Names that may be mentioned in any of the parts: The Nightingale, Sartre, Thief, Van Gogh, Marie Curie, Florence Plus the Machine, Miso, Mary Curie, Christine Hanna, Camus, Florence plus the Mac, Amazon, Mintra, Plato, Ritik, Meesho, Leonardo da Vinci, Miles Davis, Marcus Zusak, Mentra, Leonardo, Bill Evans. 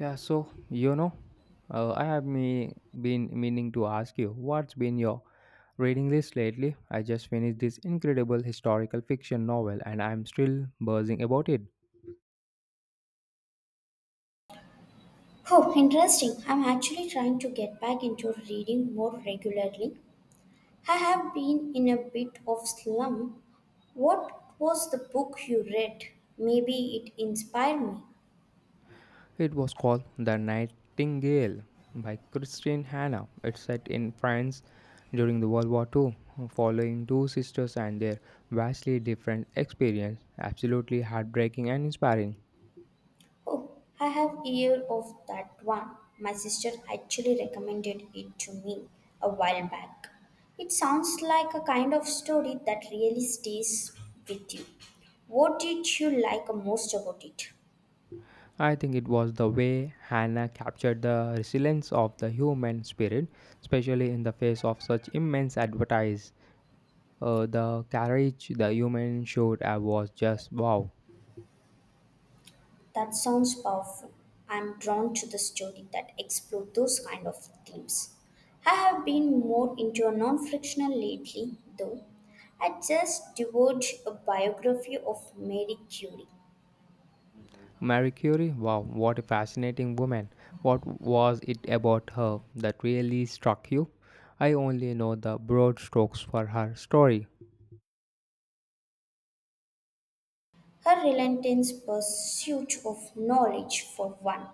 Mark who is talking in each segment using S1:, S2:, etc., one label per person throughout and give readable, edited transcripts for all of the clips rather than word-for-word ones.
S1: Yeah, so you know, I have me been meaning to ask you what's been your reading list lately. I just finished this incredible historical fiction novel and I'm still buzzing about it.
S2: Oh, interesting. I'm actually trying to get back into reading more regularly. I have been in a bit of slump. What was the book you read? Maybe it inspired me.
S1: It was called The Nightingale by Christine Hanna. It's set in France during the World War II, following two sisters and their vastly different experience. Absolutely heartbreaking and inspiring.
S2: Oh, I have heard of that one. My sister actually recommended it to me a while back. It sounds like a kind of story that really stays with you. What did you like most about it?
S1: I think it was the way Hannah captured the resilience of the human spirit, especially in the face of such immense advertise. The courage the human showed was just wow.
S2: That sounds powerful. I'm drawn to the story that explore those kind of themes. I have been more into a non-fictional lately, though. I just devoured a biography of Mary Curie.
S1: Marie Curie, wow, what a fascinating woman. What was it about her that really struck you? I only know the broad strokes for her story.
S2: Her relentless pursuit of knowledge, for one,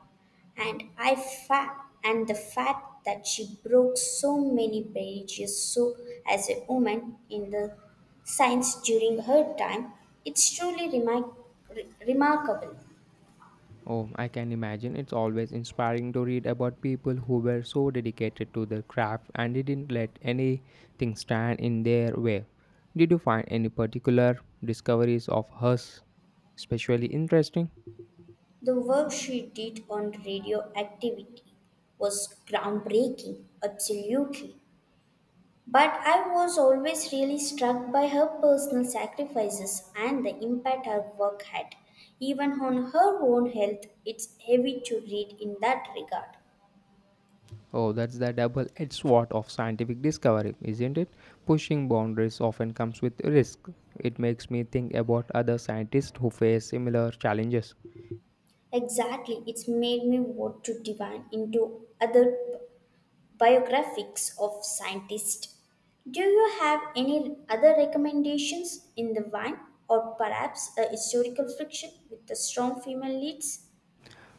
S2: and I fa- and the fact that she broke so many barriers so as a woman in the science during her time, it's truly remarkable.
S1: Oh, I can imagine it's always inspiring to read about people who were so dedicated to their craft and didn't let anything stand in their way. Did you find any particular discoveries of hers especially interesting?
S2: The work she did on radioactivity was groundbreaking, absolutely. But I was always really struck by her personal sacrifices and the impact her work had, even on her own health. It's heavy to read in that regard.
S1: Oh, that's the double edged sword of scientific discovery, isn't it? Pushing boundaries often comes with risk. It makes me think about other scientists who face similar challenges.
S2: Exactly, it's made me want to dive into other biographies of scientists. Do you have any other recommendations in the wine, or perhaps a historical fiction with the strong female leads?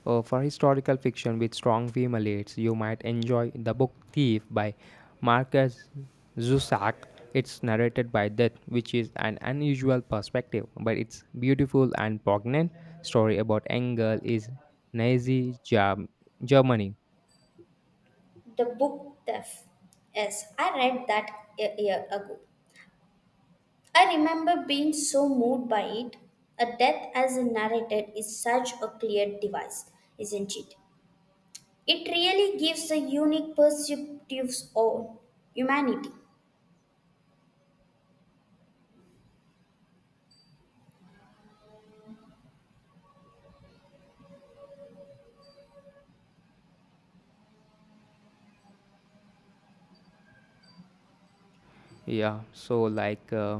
S1: For historical fiction with strong female leads, you might enjoy the book Thief by Marcus Zusak. It's narrated by Death, which is an unusual perspective, but it's beautiful and poignant story about a girl is Nazi Germ- Germany.
S2: The book Theft. Yes, I read that a year ago. I remember being so moved by it. A death as a narrated is such a clear device, isn't it? It really gives a unique perspective on humanity.
S1: Yeah,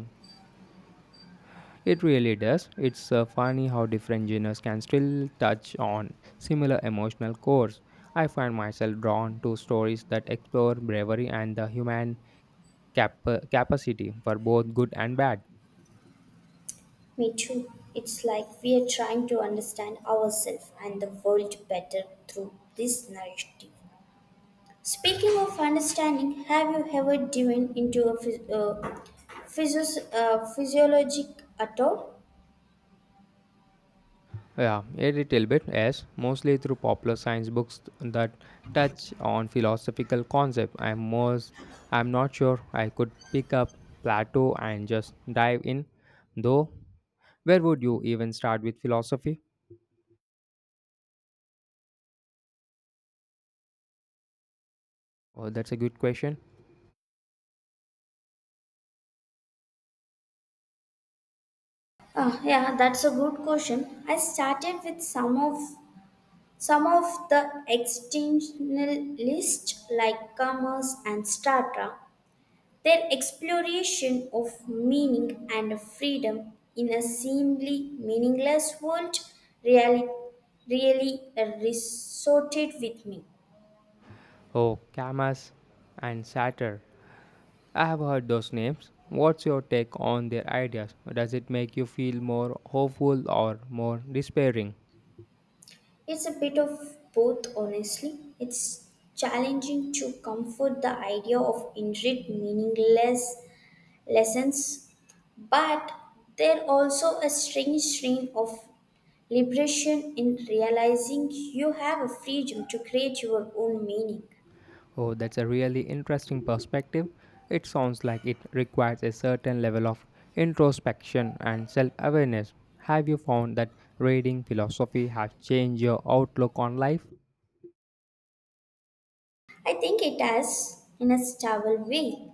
S1: it really does. It's funny how different genres can still touch on similar emotional cores. I find myself drawn to stories that explore bravery and the human capacity for both good and bad.
S2: Me too. It's like we are trying to understand ourselves and the world better through this narrative. Speaking of understanding, have you ever driven into a physiologic at all?
S1: Yeah, a little bit, yes, mostly through popular science books that touch on philosophical concept. I'm not sure I could pick up Plato and just dive in, though. Where would you even start with philosophy? Oh, that's a good question.
S2: Ah, yeah, that's a good question. I started with some of the existentialists, like Camus and Sartre, their exploration of meaning and freedom in a seemingly meaningless world really, really resorted with me.
S1: Oh, Camus and Sartre. I have heard those names. What's your take on their ideas? Does it make you feel more hopeful or more despairing?
S2: It's a bit of both, honestly. It's challenging to comfort the idea of inherent meaningless lessons but there also a strange strain of Liberation in realizing you have a freedom to create your own meaning.
S1: Oh, that's a really interesting perspective. It sounds like it requires a certain level of introspection and self awareness. Have you found that reading philosophy has changed your outlook on life?
S2: I think it has, in a stable way.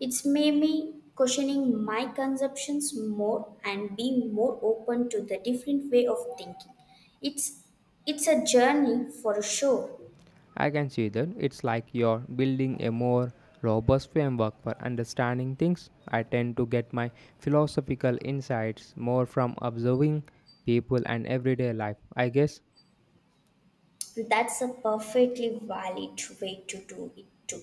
S2: It's made me questioning my conceptions more and being more open to the different way of thinking. It's it's a journey for sure.
S1: I can see that it's like you're building a more robust framework for understanding things. I tend to get my philosophical insights more from observing people and everyday life, I guess.
S2: That's a perfectly valid way to do it too.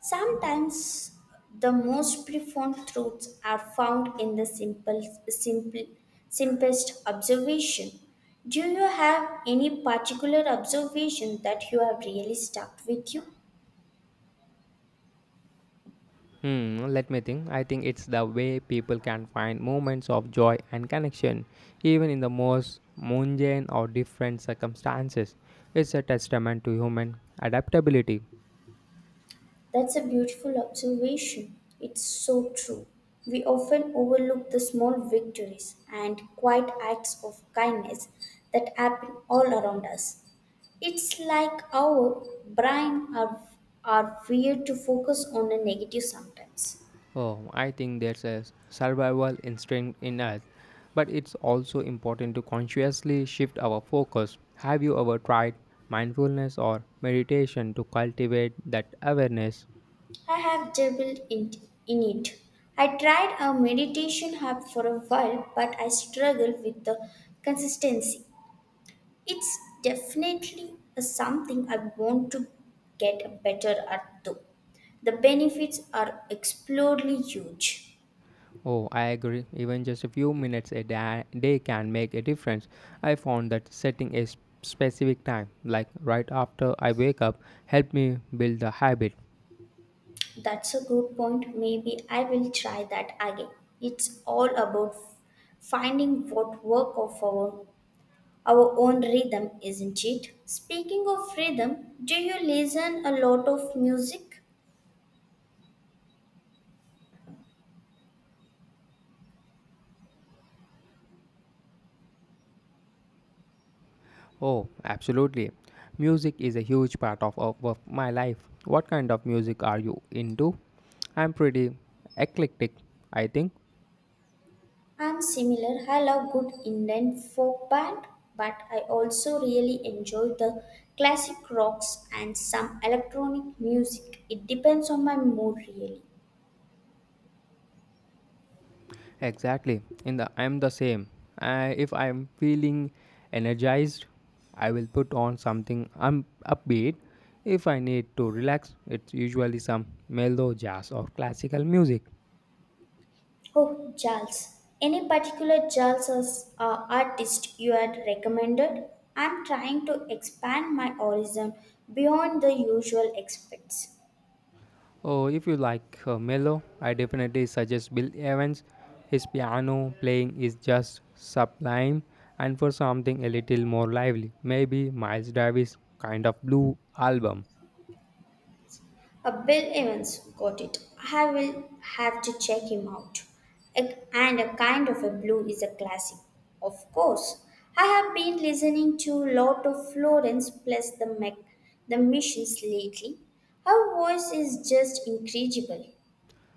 S2: Sometimes the most profound truths are found in the simple, simplest observation. Do you have any particular observation that you have really stuck with you?
S1: Hmm, let me think. I think it's the way people can find moments of joy and connection, even in the most mundane or different circumstances. It's a testament to human adaptability.
S2: That's a beautiful observation. It's so true. We often overlook the small victories and quiet acts of kindness that happen all around us. It's like our brain are weird to focus on a negative sometimes.
S1: Oh, I think there's a survival instinct in us, but it's also important to consciously shift our focus. Have you ever tried mindfulness or meditation to cultivate that awareness?
S2: I have dabbled in it. I tried a meditation app for a while, but I struggle with the consistency. It's definitely a something I want to get better at though. The benefits are explodingly huge.
S1: Oh, I agree. Even just a few minutes day can make a difference. I found that setting a specific time, like right after I wake up, helped me build the habit.
S2: That's a good point. Maybe I will try that again. It's all about finding what work of our own rhythm, isn't it? Speaking of rhythm, do you listen a lot of music?
S1: Oh, absolutely. Music is a huge part of my life. What kind of music are you into? I'm pretty eclectic, I think.
S2: I'm similar. I love good Indian folk band, but I also really enjoy the classic rocks and some electronic music. It depends on my mood really.
S1: Exactly. In the I'm the same. If I'm feeling energized, I will put on something I'm upbeat. If I need to relax, it's usually some mellow jazz or classical music.
S2: Oh, Charles. Any particular Charles artist you had recommended? I'm trying to expand my horizon beyond the usual experts.
S1: Oh, if you like mellow, I definitely suggest Bill Evans. His piano playing is just sublime. And for something a little more lively, maybe Miles Davis' kind of blue album.
S2: Bill Evans got it. I will have to check him out. And a kind of a blue is a classic. Of course, I have been listening to a lot of Florence plus the Mac, the Missions lately. Her voice is just incredible.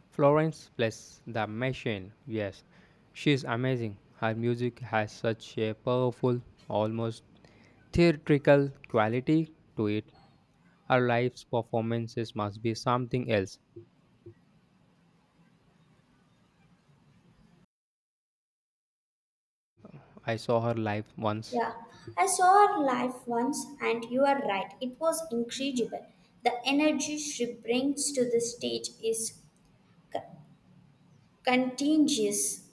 S1: Florence Plus the Machine, yes, she's amazing. Her music has such a powerful, almost theatrical quality to it. Her live performances must be something else. I saw her live once.
S2: Yeah, I saw her live once, and you are right, it was incredible. The energy she brings to the stage is c- contagious.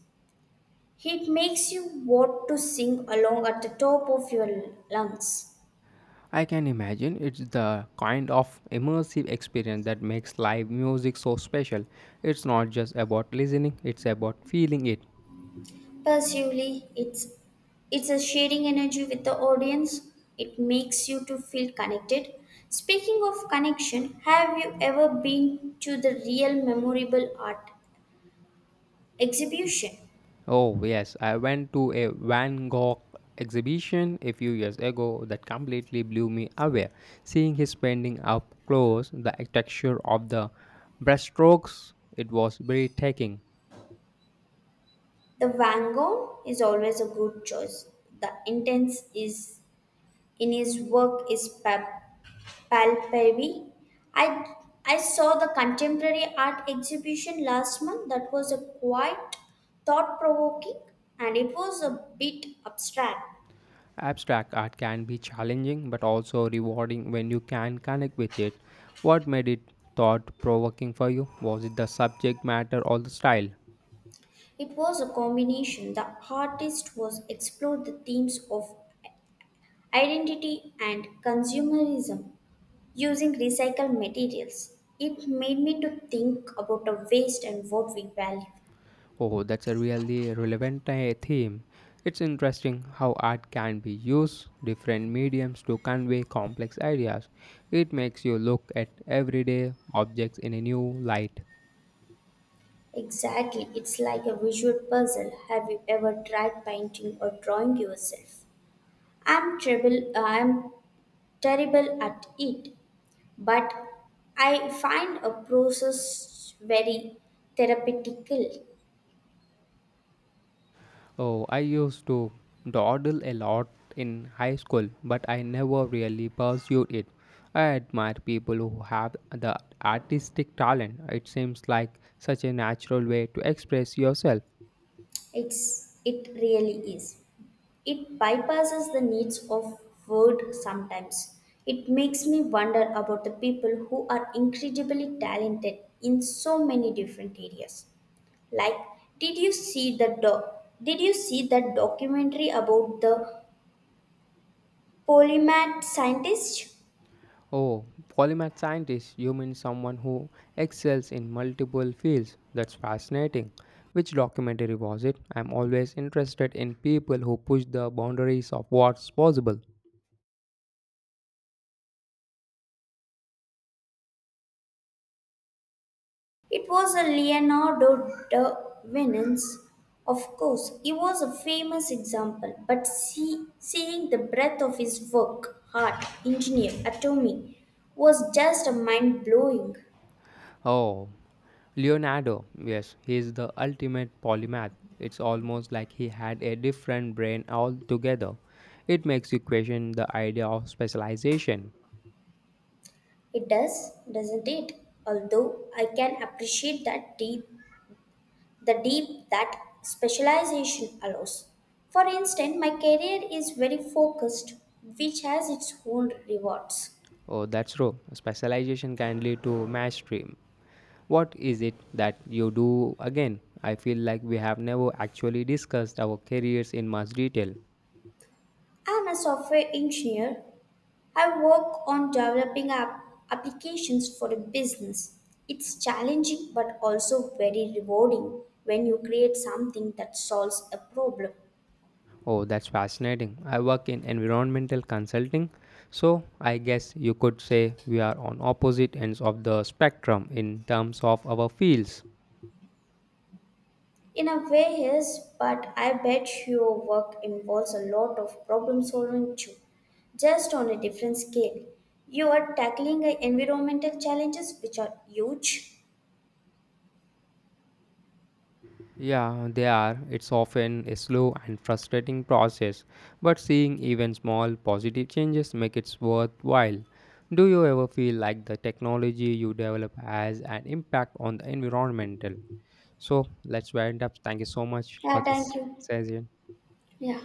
S2: It makes you want to sing along at the top of your lungs.
S1: I can imagine it's the kind of immersive experience that makes live music so special. It's not just about listening, it's about feeling it.
S2: Passively, it's a sharing energy with the audience. It makes you to feel connected. Speaking of connection, have you ever been to the real memorable art exhibition?
S1: Oh, yes. I went to a Van Gogh exhibition a few years ago that completely blew me away. Seeing his painting up close, the texture of the brushstrokes, it was breathtaking.
S2: The Vangone is always a good choice. The intense is in his work is palpable. I I saw the contemporary art exhibition last month that was a quite thought provoking and it was a bit abstract.
S1: Abstract art can be challenging but also rewarding when you can connect with it. What made it thought provoking for you? Was it the subject matter or the style?
S2: It was a combination. The artist was explored the themes of identity and consumerism using recycled materials. It made me to think about the waste and what we value.
S1: Oh, that's a really relevant theme. It's interesting how art can be used different mediums to convey complex ideas. It makes you look at everyday objects in a new light.
S2: Exactly, it's like a visual puzzle. Have you ever tried painting or drawing yourself? I'm terrible at it, but I find a process very therapeutical.
S1: Oh, I used to dawdle a lot in high school, but I never really pursued it. I admire people who have the artistic talent. It seems like such a natural way to express yourself.
S2: It really is. It bypasses the needs of word sometimes. It makes me wonder about the people who are incredibly talented in so many different areas. Like, did you see the doc? Did you see that documentary about the polymath scientist?
S1: Oh, polymath scientist, you mean someone who excels in multiple fields. That's fascinating. Which documentary was it? I'm always interested in people who push the boundaries of what's possible.
S2: It was a Leonardo da Vinci, of course. He was a famous example, but seeing the breadth of his work, art, engineer, atomy, was just mind blowing.
S1: Oh, Leonardo. Yes, he is the ultimate polymath. It's almost like he had a different brain altogether. It makes you question the idea of specialization.
S2: It does, doesn't it? Although I can appreciate that deep that specialization allows. For instance, my career is very focused, which has its own rewards.
S1: Oh, that's true. Specialization can lead to mastery. What is it that you do again? I feel like we have never actually discussed our careers in much detail.
S2: I'm a software engineer. I work on developing applications for a business. It's challenging but also very rewarding when you create something that solves a problem.
S1: Oh, that's fascinating. I work in environmental consulting, so I guess you could say we are on opposite ends of the spectrum in terms of our fields.
S2: In a way, yes, but I bet your work involves a lot of problem solving too, just on a different scale. You are tackling environmental challenges which are huge.
S1: Yeah, they are. It's often a slow and frustrating process, but seeing even small positive changes make it worthwhile. Do you ever feel like the technology you develop has an impact on the environmental? So let's wind up. Thank you so much for
S2: Yeah,
S1: this
S2: thank you.
S1: session.
S2: Yeah.